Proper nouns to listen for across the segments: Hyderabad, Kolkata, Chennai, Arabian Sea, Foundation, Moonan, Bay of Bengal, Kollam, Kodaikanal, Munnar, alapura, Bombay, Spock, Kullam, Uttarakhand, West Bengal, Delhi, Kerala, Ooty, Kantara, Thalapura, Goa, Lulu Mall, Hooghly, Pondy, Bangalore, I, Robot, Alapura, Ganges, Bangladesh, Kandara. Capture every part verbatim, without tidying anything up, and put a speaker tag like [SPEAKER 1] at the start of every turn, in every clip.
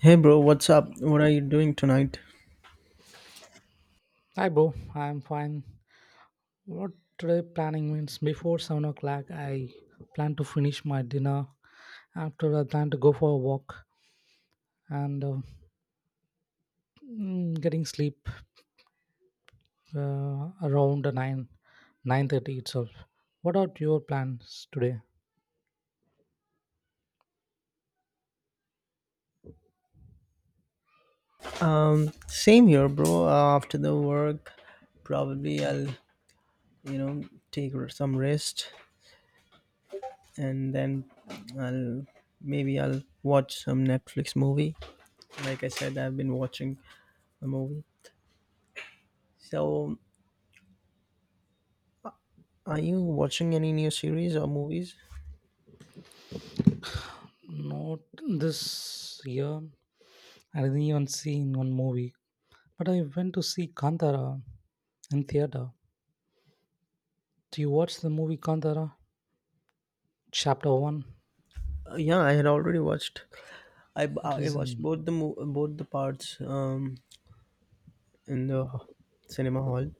[SPEAKER 1] Hey bro, what's up? What are you doing tonight?
[SPEAKER 2] Hi, bro. I'm fine. What today planning means before seven o'clock, I plan to finish my dinner. After, I plan to go for a walk and uh, mm, getting sleep uh, around nine nine thirty itself. What are your plans today?
[SPEAKER 1] Um, same here, bro. Uh, after the work, probably I'll, you know, take r- some rest, and then I'll maybe I'll watch some Netflix movie. Like I said, I've been watching a movie. So, are you watching any new series or movies?
[SPEAKER 2] Not this year. I didn't even see in one movie, but I went to see Kantara in theater. Do you watch the movie Kantara? Chapter one.
[SPEAKER 1] Uh, yeah, I had already watched. I, b- I watched
[SPEAKER 2] Reason.
[SPEAKER 1] both the mo- both the parts um in the cinema hall,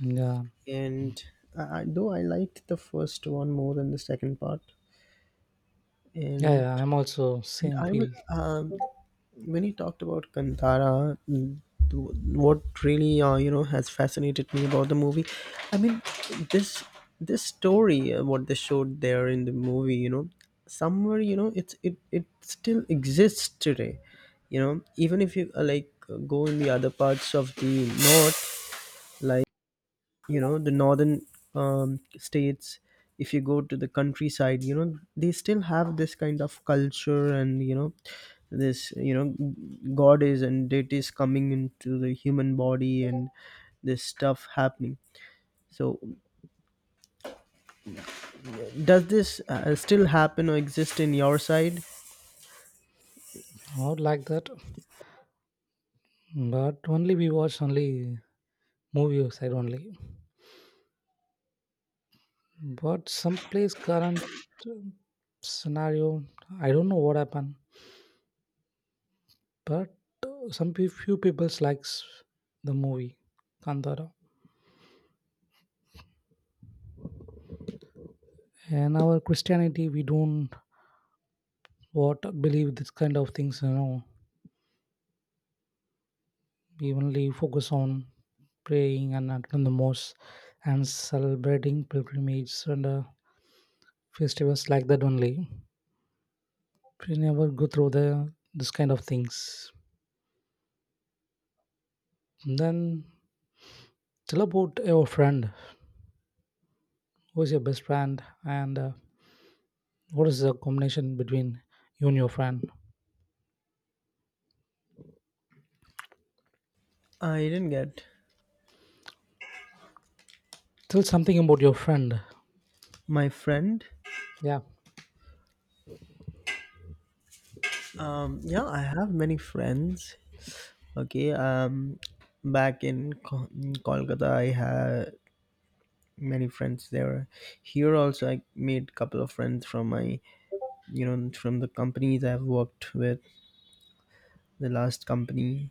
[SPEAKER 2] Yeah.
[SPEAKER 1] and I, though I liked the first one more than the second part,
[SPEAKER 2] Yeah,
[SPEAKER 1] and
[SPEAKER 2] yeah, I'm also
[SPEAKER 1] and
[SPEAKER 2] same
[SPEAKER 1] I was
[SPEAKER 2] field.
[SPEAKER 1] um, when you talked about Kantara, th- what really uh, you know has fascinated me about the movie. I mean, this this story, uh, what they showed there in the movie, you know, somewhere you know it's it it still exists today. You know, even if you uh, like uh, go in the other parts of the north, like you know the northern um, states, if you go to the countryside, you know they still have this kind of culture, and you know this you know god is, and deities coming into the human body, and this stuff happening. So does this uh, still happen or exist in your side?
[SPEAKER 2] Not like that, but only we watch only movie side only. But some place current um, scenario, I don't know what happened. But uh, some pe- few people likes the movie Kandara. And our Christianity, we don't what believe this kind of things. You know, we only focus on praying and attend the mosque and celebrating pilgrimage and uh, festivals like that only. We never go through the this kind of things. Then tell about your friend. Who is your best friend, and uh, what is the combination between you and your friend?
[SPEAKER 1] I didn't get.
[SPEAKER 2] Tell something about your friend.
[SPEAKER 1] My friend.
[SPEAKER 2] Yeah,
[SPEAKER 1] Um yeah, I have many friends. Okay. Um back in Ko- in Kolkata I had many friends there. Here also, I made couple of friends from my, you know, from the companies I've worked with, the last company.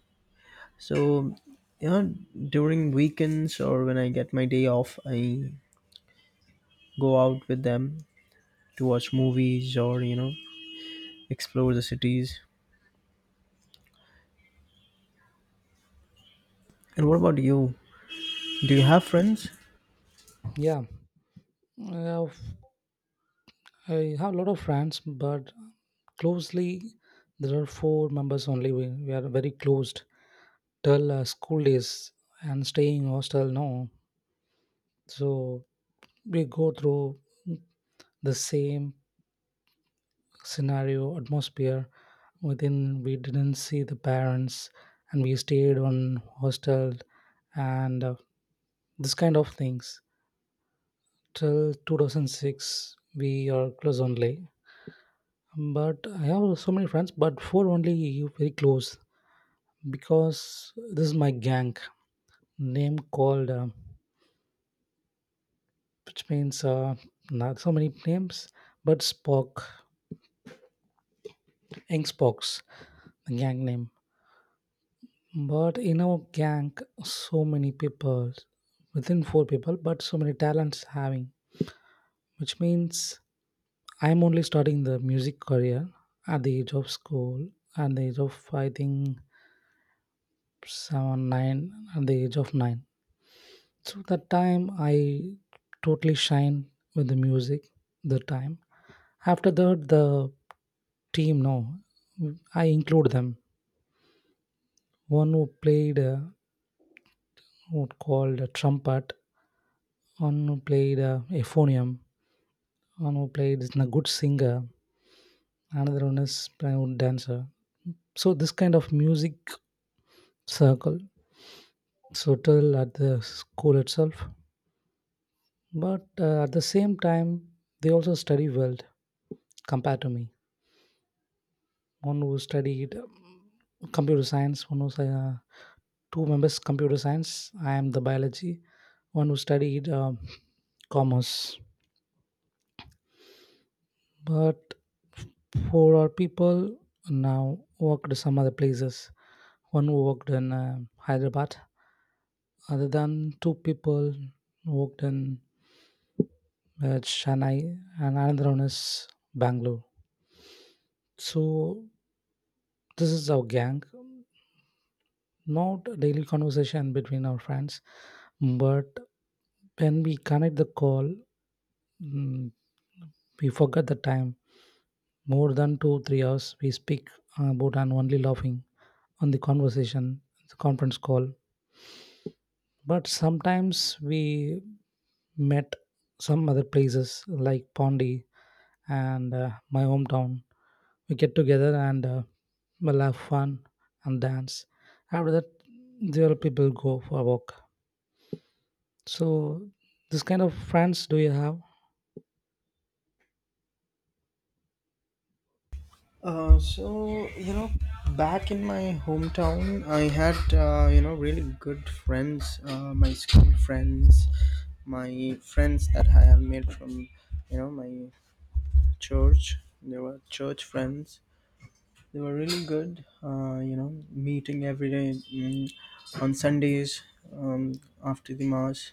[SPEAKER 1] So, you know, during weekends or when I get my day off, I go out with them to watch movies or, you know, explore the cities. And what about you? Do you have friends?
[SPEAKER 2] yeah. I have, I have a lot of friends, but closely there are four members only. We, we are very closed till uh, school days and staying hostel now. So we go through the same scenario, atmosphere. Within, we didn't see the parents, and we stayed on hostel, and uh, this kind of things. Till two thousand six, we are close only. But I have so many friends, but four only very close because this is my gang name called, uh, which means uh, not so many names, but Spock, Ink Spock's the gang name. But in our gang, so many people, within four people, but so many talents having, which means I'm only starting the music career at the age of school, at the age of I think seven, nine, at the age of nine. So that time I totally shine with the music. The time after that, the team no, I include them. One who played uh, what called a trumpet, one who played uh, euphonium, one who played is a good singer, another one is a good dancer. So this kind of music circle subtle at the school itself, but uh, at the same time they also study well compared to me. One who studied um, computer science, one who uh, two members computer science. I am the biology. One who studied um commerce. But for our people now worked some other places. One who worked in uh, Hyderabad, other than two people worked in uh, Chennai, and another one is Bangalore. So this is our gang. Not a daily conversation between our friends, but when we connect the call, Mm, we forget the time. More than two, three hours we speak about and only laughing on the conversation, the conference call. But sometimes we met some other places like Pondy, and uh, my hometown. We get together and uh, we'll have fun and dance. After that, the other people go for a walk. So, this kind of friends do you have?
[SPEAKER 1] Uh, so you know, back in my hometown, I had uh, you know really good friends, uh, my school friends, my friends that I have made from you know my church. They were church friends. They were really good. Uh, you know, meeting every day, mm, on Sundays, um, after the mass,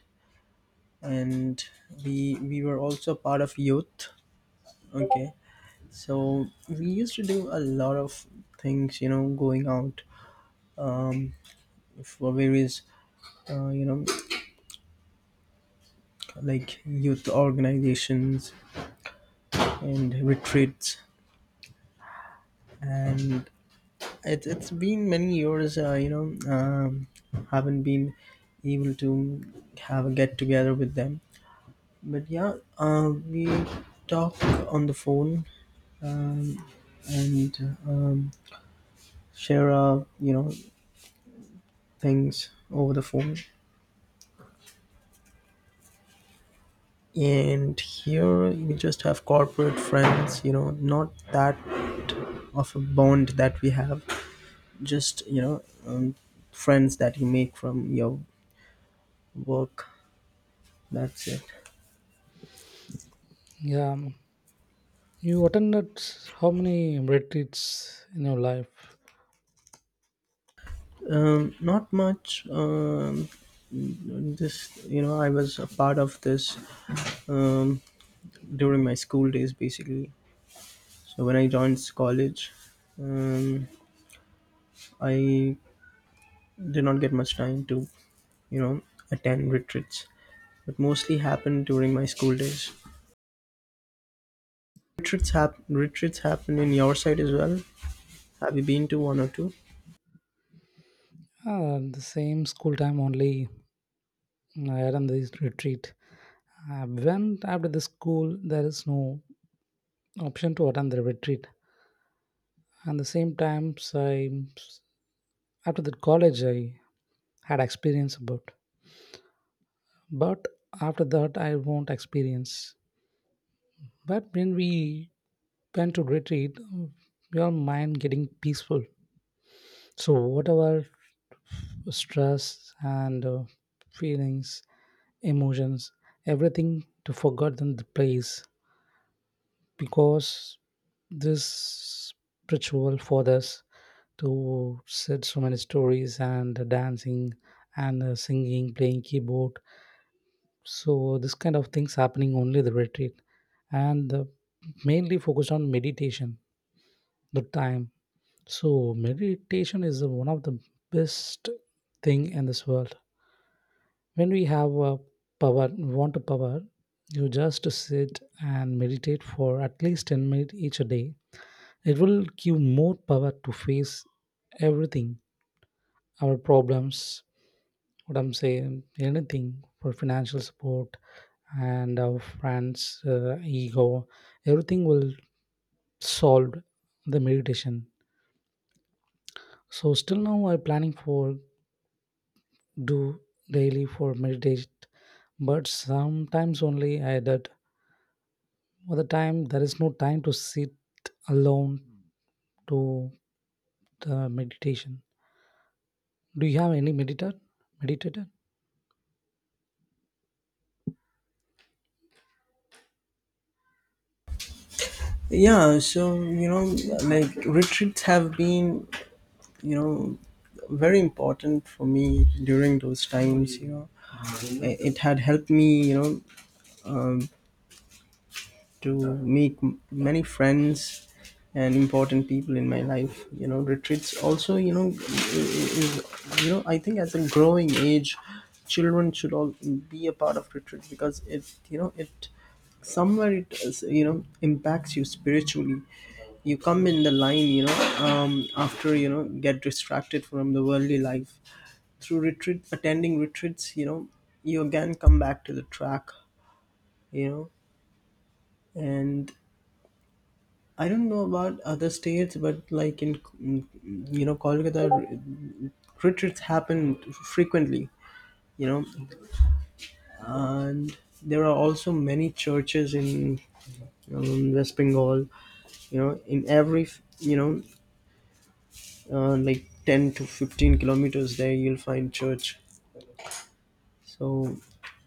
[SPEAKER 1] and we we were also part of youth. Okay, so we used to do a lot of things. You know, going out um, for various uh, you know like youth organizations and retreats, and it, it's been many years. uh, you know um, haven't been able to have a get together with them, but yeah, uh, we talk on the phone, um, and um, share our you know things over the phone. And here we just have corporate friends, you know not that of a bond that we have, just you know um, friends that you make from your work. That's it.
[SPEAKER 2] Yeah, um, you attended how many retreats in your life?
[SPEAKER 1] Um, not much. um, this you know I was a part of this um, during my school days basically. So when I joined college, um, I did not get much time to you know attend retreats, but mostly happened during my school days. Retreats happen. Retreats happen in your side as well. Have you been to one or two?
[SPEAKER 2] Uh, the same school time only. I attend this retreat. Uh, when after the school, there is no option to attend the retreat. And the same times, I after the college, I had experience about. But after that, I won't experience. But when we went to retreat, your mind getting peaceful. So whatever stress and uh, feelings emotions, everything to forgotten the place because this spiritual for us to set so many stories and dancing and uh, singing, playing keyboard. So this kind of things happening only the retreat and uh, mainly focused on meditation, the time. So meditation is one of the best thing in this world. When we have a power, want a power, you just sit and meditate for at least ten minutes each day. It will give more power to face everything, our problems, what I'm saying, anything, for financial support and our friends, uh, ego, everything will solve the meditation. So still now I'm planning for do daily for meditate, but sometimes only I did. All the time there is no time to sit alone to the meditation. Do you have any meditator meditator?
[SPEAKER 1] Yeah, so you know, like retreats have been, you know, very important for me during those times. You know, I- it had helped me, you know, to make m- many friends and important people in my life. You know retreats also, you know is, you know I think as a growing age children should all be a part of retreats, because, it you know it somewhere, it is, you know impacts you spiritually. You come in the line, you know um, after, you know get distracted from the worldly life, through retreat, attending retreats, you know you again come back to the track, you know and I don't know about other states, but like in you know Kolkata, retreats happen frequently. You know, and there are also many churches in um, West Bengal. You know, in every you know uh, like ten to fifteen kilometers there, you'll find church. So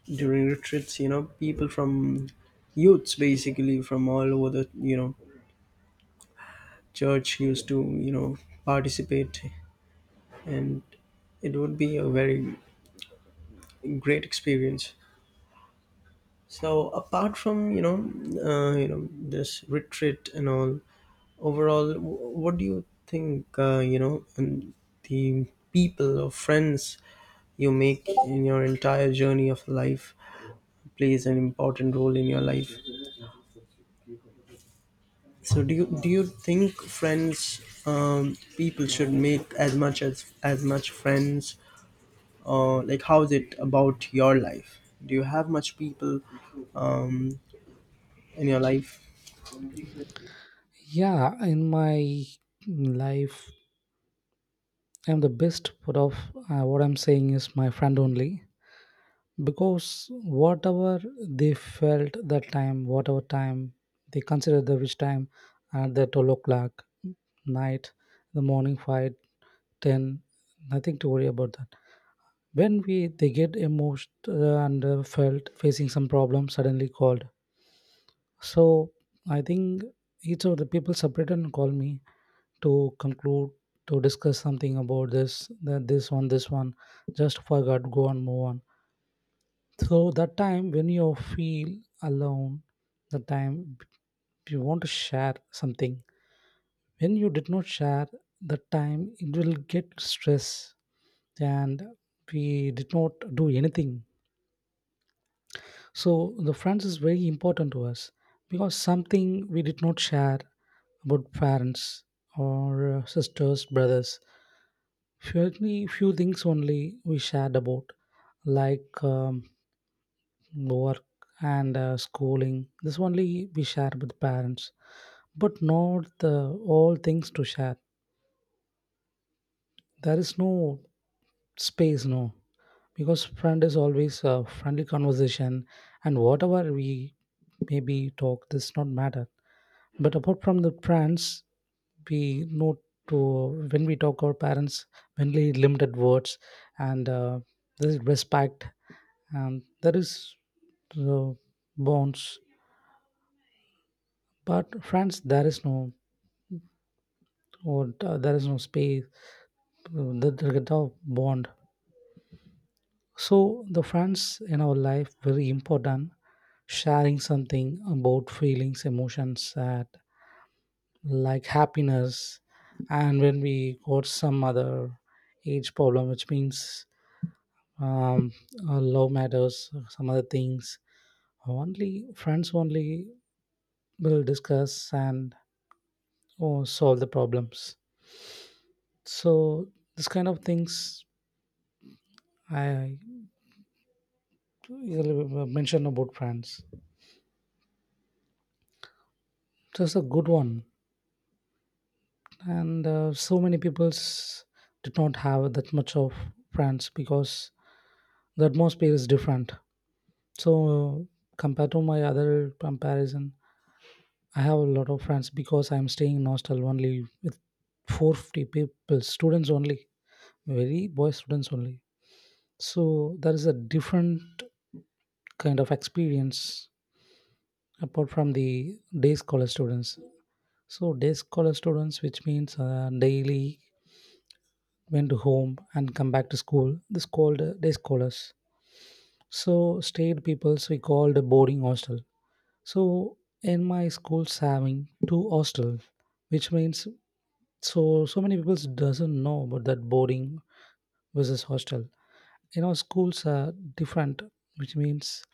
[SPEAKER 1] during retreats, you know, people from youths basically, from all over the you know church, used to you know participate, and it would be a very great experience. So apart from you know uh, you know this retreat and all, overall, wh- what do you think? uh, you know and the people or friends you make in your entire journey of life plays an important role in your life. So do you do you think friends, um, people should make as much as as much friends? Or like, how is it about your life? Do you have much people um, in your life?
[SPEAKER 2] Yeah, in my life, I'm the best. But of uh, what I'm saying is my friend only, because whatever they felt that time, whatever time they considered the which time, at the twelve o'clock night, the morning five ten, nothing to worry about that. When we they get emotional and uh, felt facing some problem suddenly called. So I think each of the people separated and called me to conclude, to discuss something about this, that this one this one, just forgot, go on, move on. So that time when you feel alone, the time you want to share something, when you did not share, the time it will get stress and we did not do anything. So the friends is very important to us because something we did not share about parents or uh, sisters, brothers. Few, Few things only we shared about, like um, work and uh, schooling. This only we share with parents, but not the all things to share. There is no space, no, because friend is always a friendly conversation, and whatever we maybe talk, this not matter. But apart from the parents, we know to when we talk our parents, mainly limited words and uh, there is respect and there is uh, bonds. But friends, there is no or uh, there is no space, uh, there there is no bond. So the friends in our life very important. Sharing something about feelings, emotions, sad, like happiness, and when we got some other age problem, which means um, uh, love matters, some other things, only friends only will discuss and oh, solve the problems. So this kind of things I usually mention about friends. So it's a good one, and uh, so many peoples did not have that much of friends because the atmosphere is different. So compared to my other comparison, I have a lot of friends because I'm staying in hostel only with four hundred fifty people, students only, very boy students only. So there is a different kind of experience apart from the day scholar students. So day scholar students, which means uh, daily went to home and come back to school. This called uh, day scholars. So stayed peoples we called boarding hostel. So in my schools having two hostels, which means so so many people doesn't know about that boarding versus hostel. You know, schools are different, which means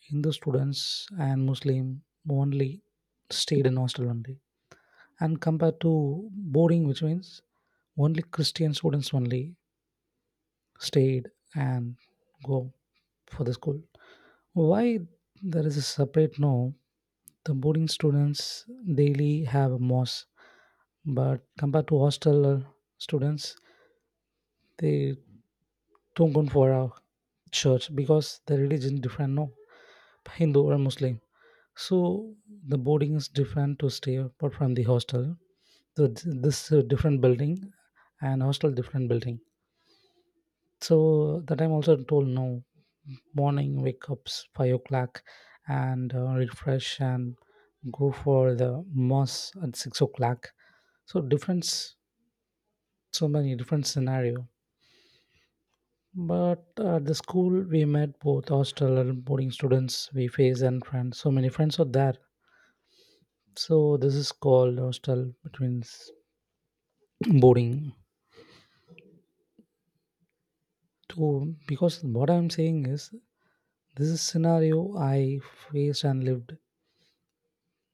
[SPEAKER 2] Hindu students and Muslim only stayed in hostel only, and compared to boarding, which means only Christian students only stayed and go for the school. Why there is a separate no? The boarding students daily have a mos, but compared to hostel uh, students, they don't go for a church because the religion different no, hindu or muslim. So the boarding is different to stay apart from the hostel. So th- this uh, different building and hostel different building. So that I'm also told no. Morning wake up five o'clock and uh, refresh and go for the mass at six o'clock. So difference, so many different scenario. But at the school we met both hostel and boarding students we face and friends. So many friends are there. So this is called hostel between s- boarding. So because what I'm saying is this is scenario I faced and lived,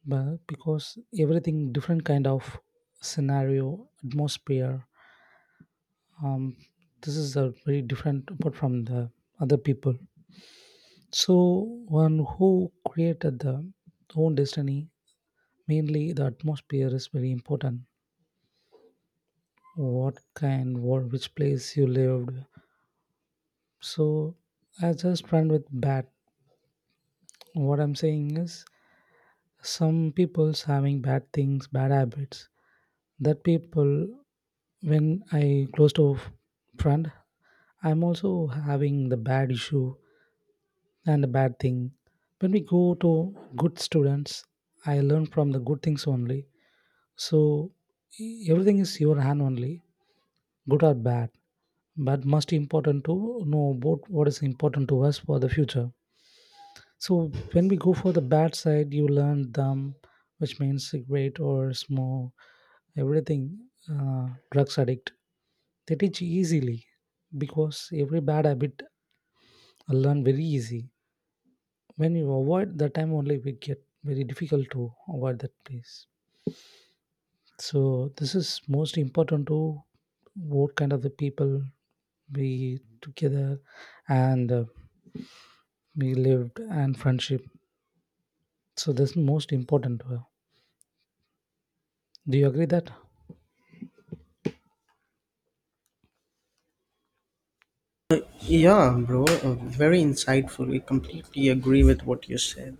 [SPEAKER 2] but because everything different kind of scenario atmosphere, um, this is a very different apart from the other people. So one who created the own destiny, mainly the atmosphere is very important, what kind what which place you lived. So I just run with bad, what I'm saying is, some people's having bad things bad habits, that people when I close to friend, I'm also having the bad issue and the bad thing. When we go to good students, I learn from the good things only. So e- everything is your hand only, good or bad. But most important to know about what is important to us for the future. So when we go for the bad side, you learn them, which means cigarette or smoke, everything, uh, drugs addict. They teach easily because every bad habit I learn very easy. When you avoid, that time only we get very difficult to avoid that place. So this is most important to what kind of the people we together and uh, we lived and friendship. So that's most important to. Do you agree that?
[SPEAKER 1] Yeah, bro, uh, very insightful. I completely agree with what you said.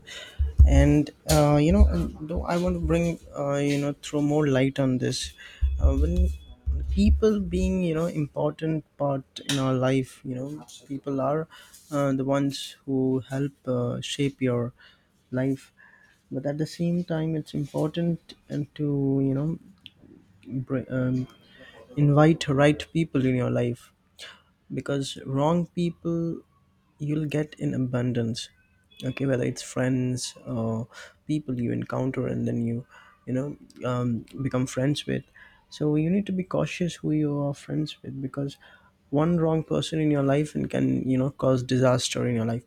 [SPEAKER 1] And, uh, you know, and though I want to bring, uh, you know throw more light on this, uh, when people being, you know important part in our life, you know, people are, uh, the ones who help, uh, shape your life. But at the same time, it's important and to you know br- um, invite right people in your life, because wrong people you'll get in abundance. Okay, whether it's friends or people you encounter, and then you you know um, become friends with. So you need to be cautious who you are friends with, because one wrong person in your life and can you know cause disaster in your life.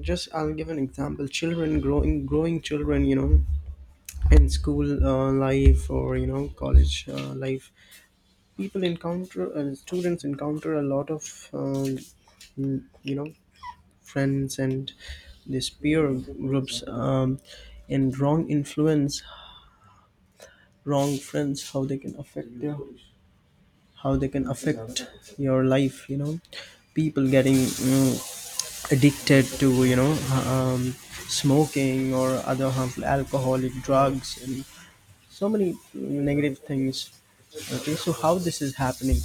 [SPEAKER 1] Just I'll give an example. Children, growing growing children, you know in school, uh, life, or you know college, uh, life, people encounter uh, students encounter a lot of, um, mm, you know friends. And these peer groups, um, and wrong influence, wrong friends, how they can affect their how they can affect your life, you know people getting, mm, addicted to, you know um, smoking or other harmful alcoholic drugs, and so many, mm, negative things. Okay, so how this is happening?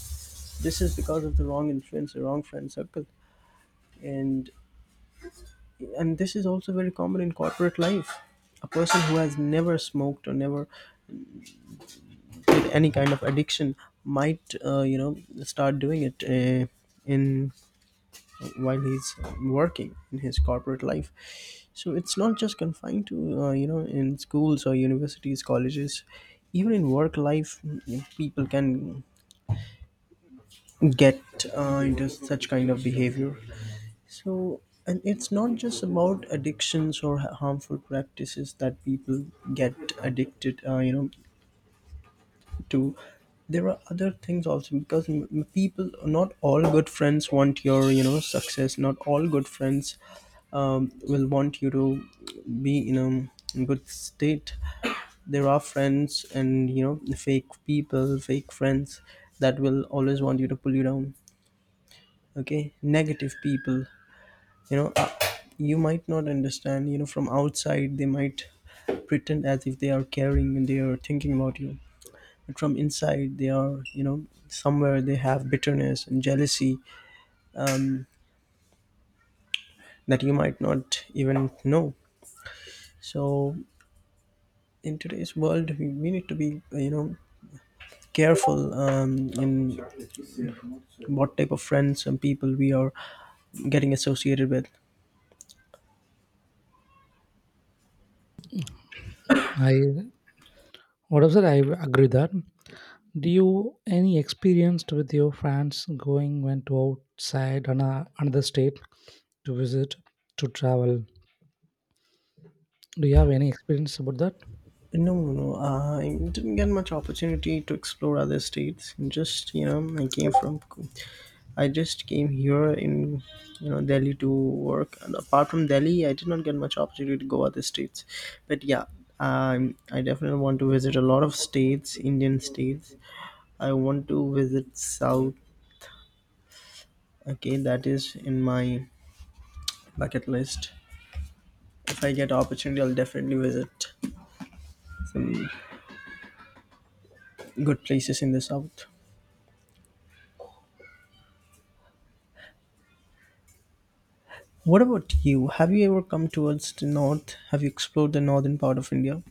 [SPEAKER 1] This is because of the wrong influence, the wrong friend circle. And and this is also very common in corporate life. A person who has never smoked or never did any kind of addiction might, uh, you know start doing it, uh, in while he's working in his corporate life. So it's not just confined to, uh, you know in schools or universities, colleges. Even in work life, you know, people can get, uh, into such kind of behavior. So, and it's not just about addictions or ha- harmful practices that people get addicted, uh, you know, to. There are other things also, because m- m- people, not all good friends want your, you know, success. Not all good friends, um, will want you to be in a good state. There are friends and, you know, fake people, fake friends that will always want you to pull you down. Okay, negative people, you know uh, you might not understand, you know from outside they might pretend as if they are caring and they are thinking about you, but from inside they are, you know somewhere they have bitterness and jealousy that you might not even know. So in today's world, we, we need to be, you know careful, um, in what type of friends and people we are getting associated with.
[SPEAKER 2] I what else I agree that. Do you any experienced with your friends going went to outside on a, another state to visit, to travel? Do you have any experience about that?
[SPEAKER 1] No, no, no. Uh, I didn't get much opportunity to explore other states. Just, you know, I came from. I just came here in you know Delhi to work. And apart from Delhi, I did not get much opportunity to go other states. But yeah, um, I definitely want to visit a lot of states, Indian states. I want to visit South. Okay, that is in my bucket list. If I get opportunity, I'll definitely visit some good places in the South. What about you? Have you ever come towards the north? Have you explored the northern part of India?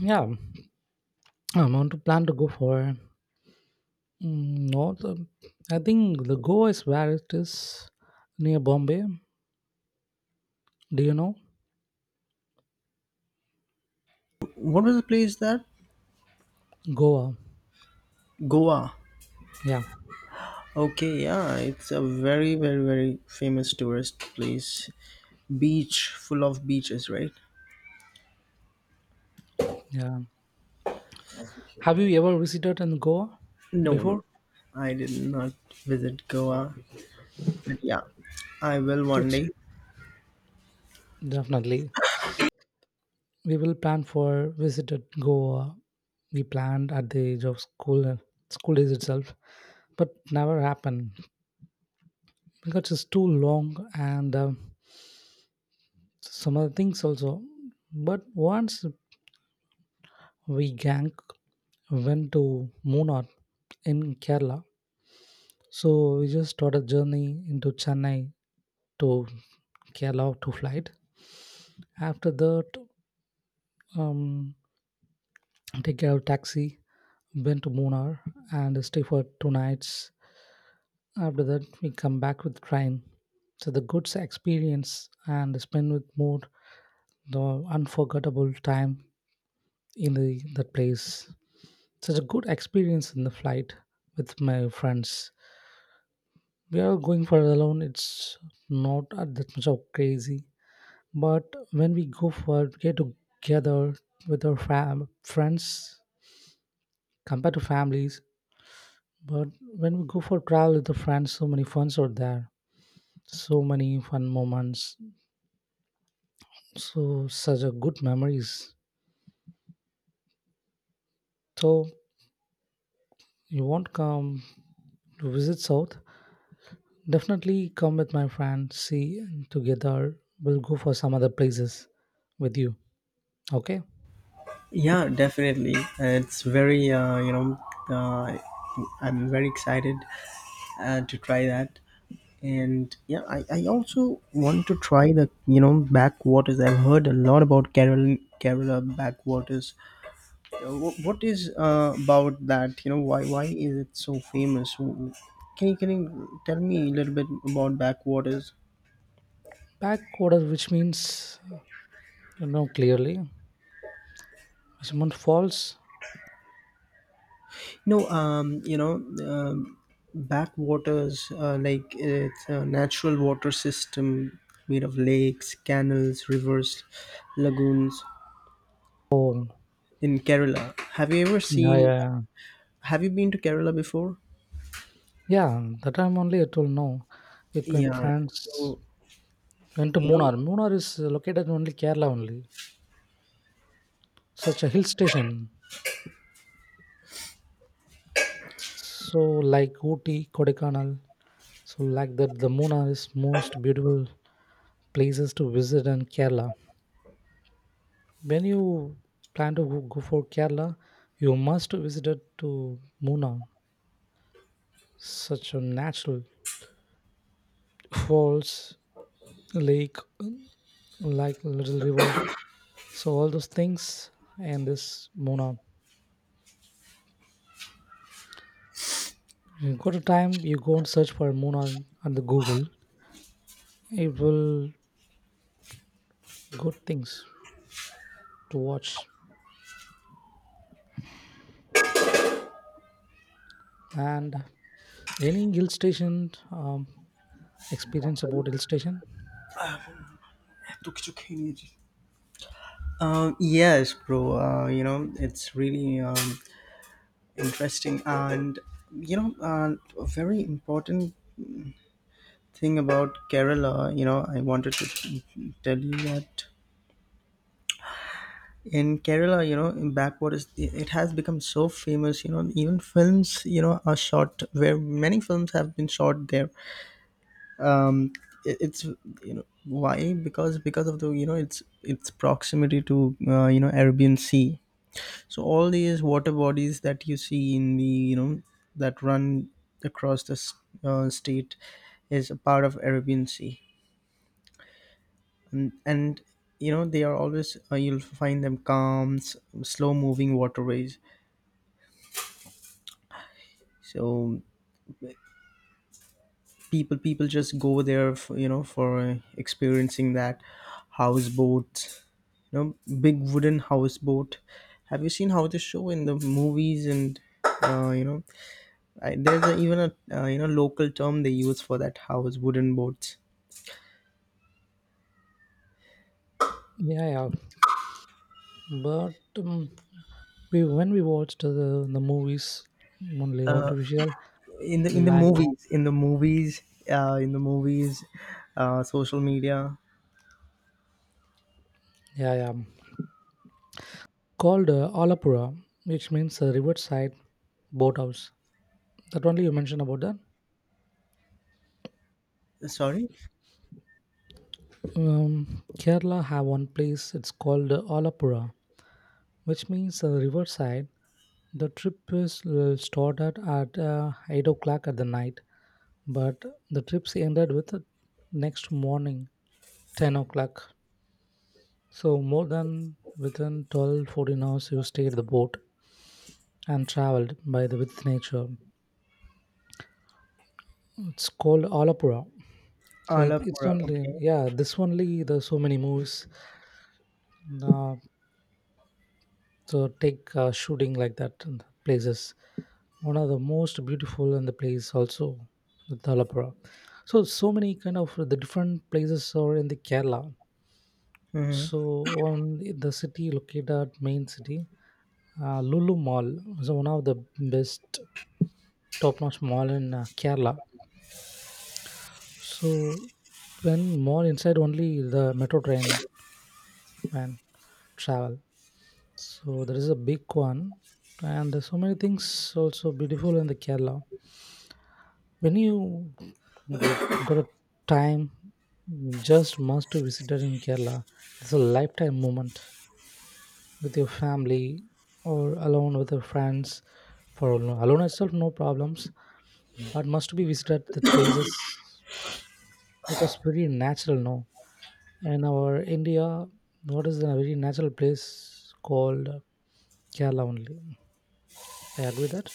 [SPEAKER 2] Yeah, I want to plan to go for mm, no. The, I think the Goa is where it is near Bombay. Do you know
[SPEAKER 1] What was the place that?
[SPEAKER 2] Goa?
[SPEAKER 1] Goa.
[SPEAKER 2] Yeah,
[SPEAKER 1] Okay, yeah, it's a very, very, very famous tourist place. Beach, full of beaches, right?
[SPEAKER 2] yeah. Have you ever visited in Goa
[SPEAKER 1] No, no,
[SPEAKER 2] before?
[SPEAKER 1] I did not visit Goa, but yeah, I will one
[SPEAKER 2] Just-
[SPEAKER 1] day.
[SPEAKER 2] Definitely. We will plan for visited Goa. We planned at the age of school uh, school days itself, but never happened because it's too long and uh, some other things also. But once we gang went to Munnar in Kerala. So we just started journey into Chennai to Kerala to flight. After that, um, take our taxi, went to Munnar and stay for two nights. After that, we come back with train. So the good experience and spend with more the unforgettable time in the that place. Such a good experience in the flight with my friends. We are going for it alone, it's not uh, that much of crazy, but when we go for get together with our fam friends compared to families, but when we go for travel with the friends, so many funs are there, so many fun moments, so such a good memories. So you won't come to visit south, definitely come with my friend. See, together we'll go for some other places with you, okay.
[SPEAKER 1] Yeah, definitely. It's very, uh, you know, uh, I'm very excited, uh, to try that. And yeah, i, I also want to try the you know backwaters. I've heard a lot about Kerala, Kerala backwaters. Uh, wh- what is, uh, about that? you know why why is it so famous? Wh- can you can you tell me a little bit about backwaters?
[SPEAKER 2] Back order, which means no, clearly. Someone falls.
[SPEAKER 1] No, um you know um, backwaters, uh, like, it's a natural water system made of lakes, canals, rivers, lagoons
[SPEAKER 2] Oh,
[SPEAKER 1] in Kerala. Have you ever
[SPEAKER 2] yeah, yeah.
[SPEAKER 1] seen?
[SPEAKER 2] Yeah,
[SPEAKER 1] Have you been to Kerala before?
[SPEAKER 2] yeah, that time only I told no. With my
[SPEAKER 1] Yeah.
[SPEAKER 2] friends,
[SPEAKER 1] So,
[SPEAKER 2] went to
[SPEAKER 1] you know,
[SPEAKER 2] Munnar. Munnar is located only Kerala only. Such a hill station. So like Ooty, Kodaikanal. So like that, the Munnar is most beautiful places to visit in Kerala. When you plan to go go for Kerala, you must visit it to Munnar. Such a natural falls, lake, like Little River. So all those things and this Mona on. You go to time, you go and search for Mona on the Google. It will good things to watch. And any hill station um, experience about hill station?
[SPEAKER 1] um, yes, bro. Uh, you know, it's really, um, interesting. And, you know, uh, a very important thing about Kerala. You know, I wanted to tell you that in Kerala, you know, in backwaters, it it has become so famous. You know, even films, you know, are shot, where many films have been shot there. um it, it's you know why, because because of the, you know it's it's proximity to uh, you know Arabian Sea. So all these water bodies that you see in the you know that run across the s- uh, state is a part of Arabian Sea. And, and you know they are always, uh, you'll find them calm, s- slow moving waterways. So people people just go there for, you know for uh, experiencing that houseboat, you know big wooden houseboat. Have you seen how they show in the movies? And uh, you know I, there's a, even a, uh, you know local term they use for that house wooden boats
[SPEAKER 2] Yeah, yeah. But um, we when we watched the the movies only artificial,
[SPEAKER 1] in the in the
[SPEAKER 2] like,
[SPEAKER 1] movies, in the movies uh, in the movies uh, social media.
[SPEAKER 2] yeah, yeah, um, called uh, Alapura, which means uh, riverside boathouse. That only you mentioned about that.
[SPEAKER 1] Sorry.
[SPEAKER 2] Um, Kerala have one place. It's called uh, Alapura, which means uh, riverside. The trip is uh, started at uh, eight o'clock at the night, but the trips ended with uh, next morning ten o'clock. So more than within twelve, fourteen hours, you stayed the boat and traveled by the with nature. It's called Alapura. So it, it's
[SPEAKER 1] Alapura,
[SPEAKER 2] only,
[SPEAKER 1] okay.
[SPEAKER 2] yeah, this only there's so many movies. Uh, So take uh, shooting like that in places. One of the most beautiful and the place also the Thalapura. So so many kind of the different places are in the Kerala.
[SPEAKER 1] Mhm.
[SPEAKER 2] So on the city located at main city, uh, Lulu Mall is one of the best top-notch mall in uh, Kerala. So when mall inside only the metro train and travel. So there is a big one, and there's so many things also beautiful in the Kerala. When you got got a time, you just must to visit it in Kerala. It's a lifetime moment with your family or alone with your friends. For alone alone itself, no problems, but must be visited the places, because very natural no, in our India, what is a very natural place called Kerala only. I agree that.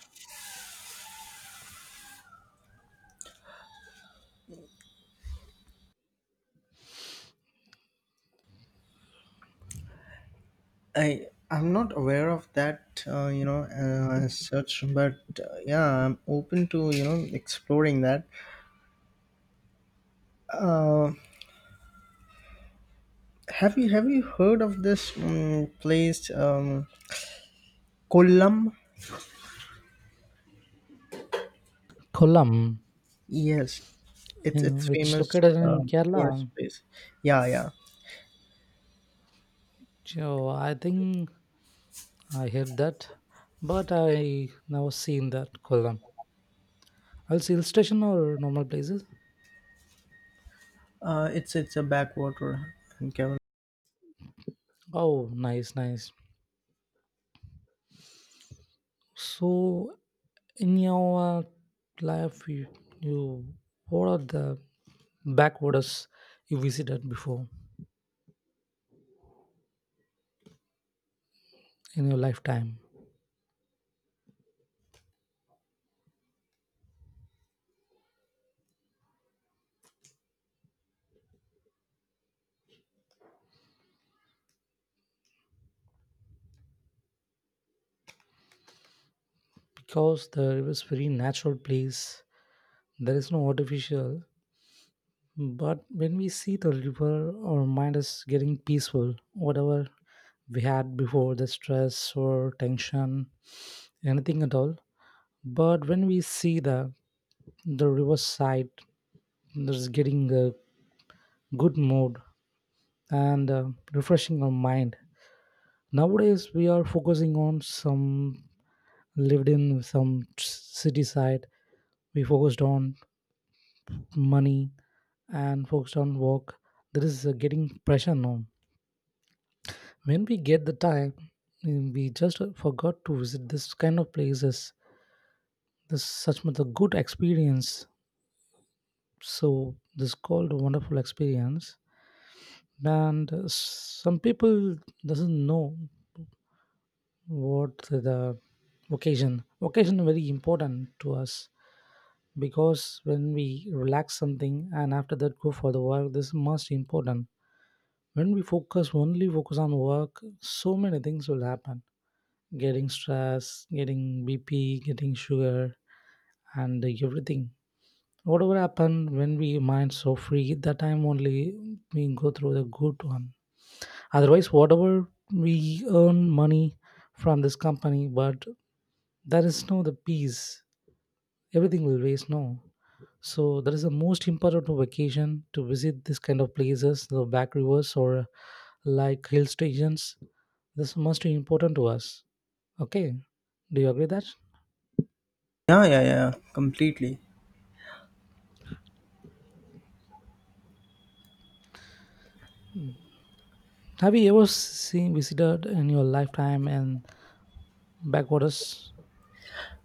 [SPEAKER 1] I I'm not aware of that, uh, you know, uh, as such. But uh, yeah, I'm open to you know exploring that. Have you have you heard of this um, place, um, Kollam?
[SPEAKER 2] Kollam,
[SPEAKER 1] Yes, it's
[SPEAKER 2] you know,
[SPEAKER 1] it's
[SPEAKER 2] which
[SPEAKER 1] famous,
[SPEAKER 2] located in
[SPEAKER 1] um, tourist
[SPEAKER 2] Kerala.
[SPEAKER 1] place. Yeah, yeah.
[SPEAKER 2] So I think I heard that, but I never seen that Kollam. I'll see illustration or normal places.
[SPEAKER 1] Uh, it's it's a backwater in Kerala.
[SPEAKER 2] Oh, nice, nice. So, in your life, you, you what are the backwaters you visited before in your lifetime? Because the river is very natural place. There is no artificial. But when we see the river, our mind is getting peaceful. Whatever we had before, the stress or tension, anything at all. But when we see the the riverside, there's getting a good mood and uh, refreshing our mind. Nowadays, we are focusing on some lived in some t- city side. We focused on money and focused on work. There is uh, getting pressure now. When we get the time, mm, we just uh, forgot to visit this kind of places. This such much a good experience. So this called a wonderful experience. And uh, some people doesn't know what's the occasion? Occasion very important to us because when we relax something and after that go for the work, this is most important. When we focus only focus on work, so many things will happen. Getting stress, getting B P, getting sugar, and everything. Whatever happen when we mind so free, that time only we go through the good one. Otherwise, whatever we earn money from this company, but there is no the peace, everything will waste no. So that is the most important vacation to visit this kind of places, the back rivers or like hill stations. This must be important to us, okay. Do you agree that?
[SPEAKER 1] Yeah, yeah, yeah. Completely.
[SPEAKER 2] Have you ever seen visited in your lifetime and backwaters?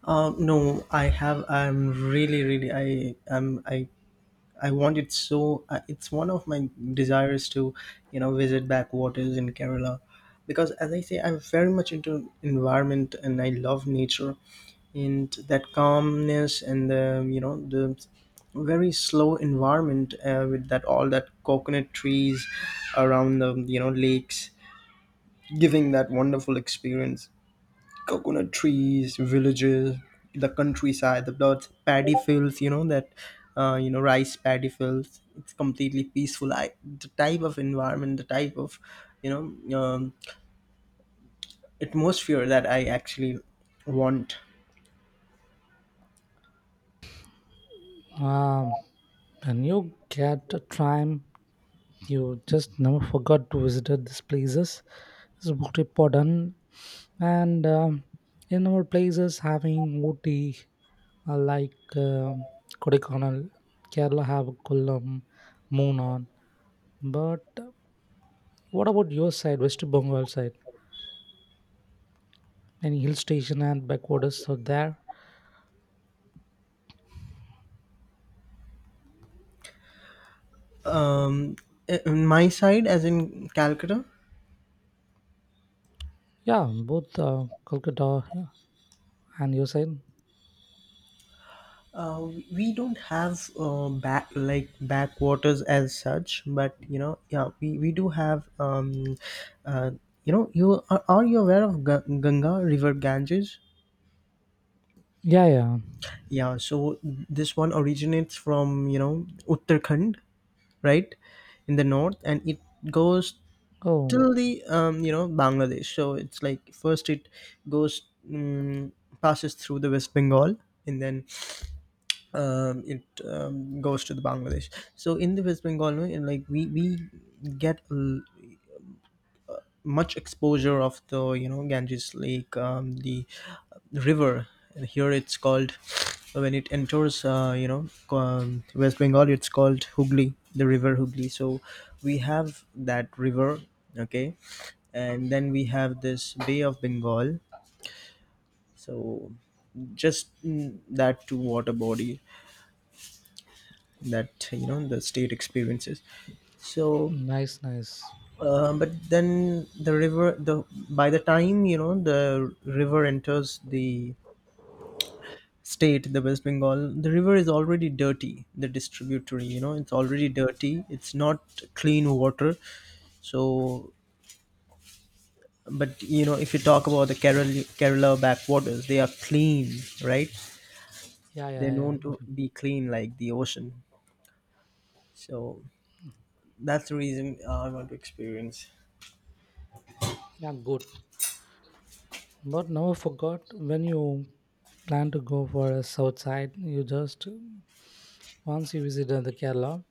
[SPEAKER 1] Uh, no, I have. I'm really, really. I am. I I want it so. Uh, it's one of my desires to, you know, visit backwaters in Kerala, because as I say, I'm very much into environment, and I love nature, and that calmness and the you know the very slow environment, uh, with that, all that coconut trees around the you know lakes, giving that wonderful experience — coconut trees, villages, the countryside, the lots paddy fields, you know, that, uh, you know, rice paddy fields. It's completely peaceful. I, the type of environment, the type of, you know, um, atmosphere that I actually want.
[SPEAKER 2] um and you get a time, you just never forgot to visit these places. It's very important. And um, in our places having Ooty, uh, like um Kodaikanal, Kerala have Kullam, Moonan. But uh, what about your side, West Bengal side? Any hill station and backwaters are there?
[SPEAKER 1] Um, in my side, as in Calcutta,
[SPEAKER 2] Yeah, both uh, Kolkata, yeah, and your side.
[SPEAKER 1] Uh, we don't have, uh, back like backwaters as such, but you know, yeah, we, we do have. Um, uh, you know, you are, are you aware of Ga- Ganga River Ganges?
[SPEAKER 2] Yeah, yeah.
[SPEAKER 1] Yeah, so this one originates from you know Uttarakhand, right, in the north, and it goes
[SPEAKER 2] Oh,
[SPEAKER 1] till the, um, you know Bangladesh. So it's like, first it goes um, passes through the West Bengal, and then, um, it, um, goes to the Bangladesh. So in the West Bengal, no, in, like we we get, l- much exposure of the, you know Ganges Lake, um, the river. And here it's called, when it enters, uh, you know, um, West Bengal. It's called Hooghly, the river Hooghly. So we have that river, okay, and then we have this Bay of Bengal. So just, mm, that two water body that, you know the state experiences. So,
[SPEAKER 2] nice, nice.
[SPEAKER 1] uh, but then the river the by the time, you know the river enters the state, the West Bengal, the river is already dirty. The distributory, you know it's already dirty, it's not clean water. So, but you know if you talk about the kerala kerala backwaters, they are clean, right?
[SPEAKER 2] Yeah,
[SPEAKER 1] They're
[SPEAKER 2] yeah, yeah.
[SPEAKER 1] known to
[SPEAKER 2] Mhm.
[SPEAKER 1] be clean like the ocean. So that's the reason I want to experience.
[SPEAKER 2] Yeah, good. But now I forgot when you plan to go for a south side, you just once you visit uh, the Kerala.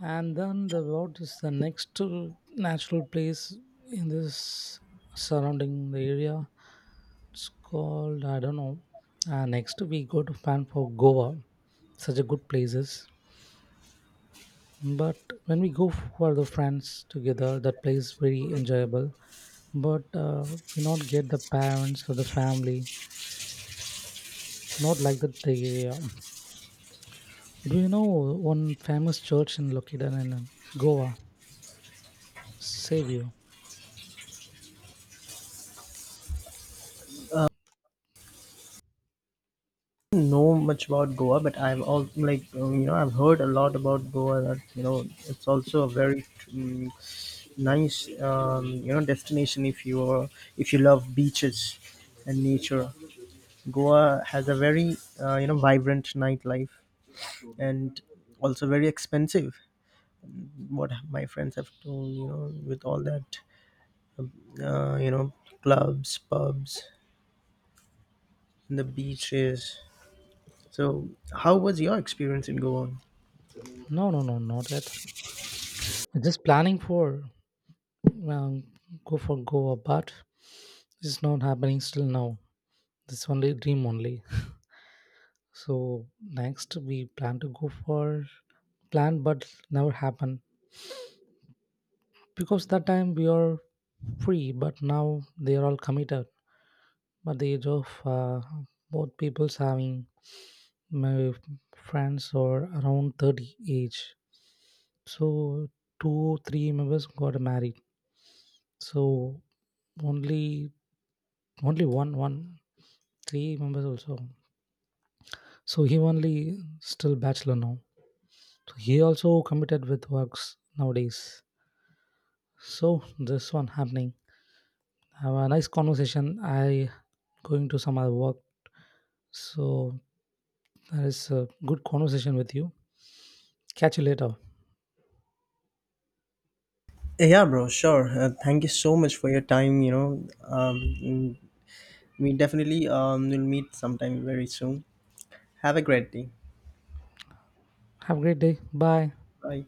[SPEAKER 2] And then the what is the next uh, natural place in this surrounding the area? It's called I don't know. Uh, next we go to plan for Goa, such a good places. But when we go for the friends together, that place very enjoyable. But uh, we not get the parents or the family. Not like that the area. Do you know one famous church in located in Goa? Savior?
[SPEAKER 1] Know much about Goa, but I've all like, um, you know I've heard a lot about Goa. That, you know it's also a very, um, nice, um, you know destination if you are, if you love beaches and nature. Goa has a very, uh, you know vibrant nightlife, and also very expensive. What my friends have told, you know with all that, uh, you know clubs, pubs, and the beaches. So how was your experience in Goa?
[SPEAKER 2] No, no, no, not yet. Just planning for um, go for Goa, but it's not happening still now. This only dream only. So next we plan to go for plan, but never happen because that time we are free, but now they are all committed. But the age of uh, both people's having my friends or around thirty age, so two three members got married. So only only one one three members also. So he only still bachelor now. So he also committed with works nowadays. So this one happening. Have a nice conversation. I going to some other work. So that is a good conversation with you. Catch you later.
[SPEAKER 1] Yeah, yeah, bro, sure. Uh, thank you so much for your time. You know, um, mm, we definitely, um, will meet sometime very soon. Have a great day.
[SPEAKER 2] Have a great day. Bye.
[SPEAKER 1] Bye.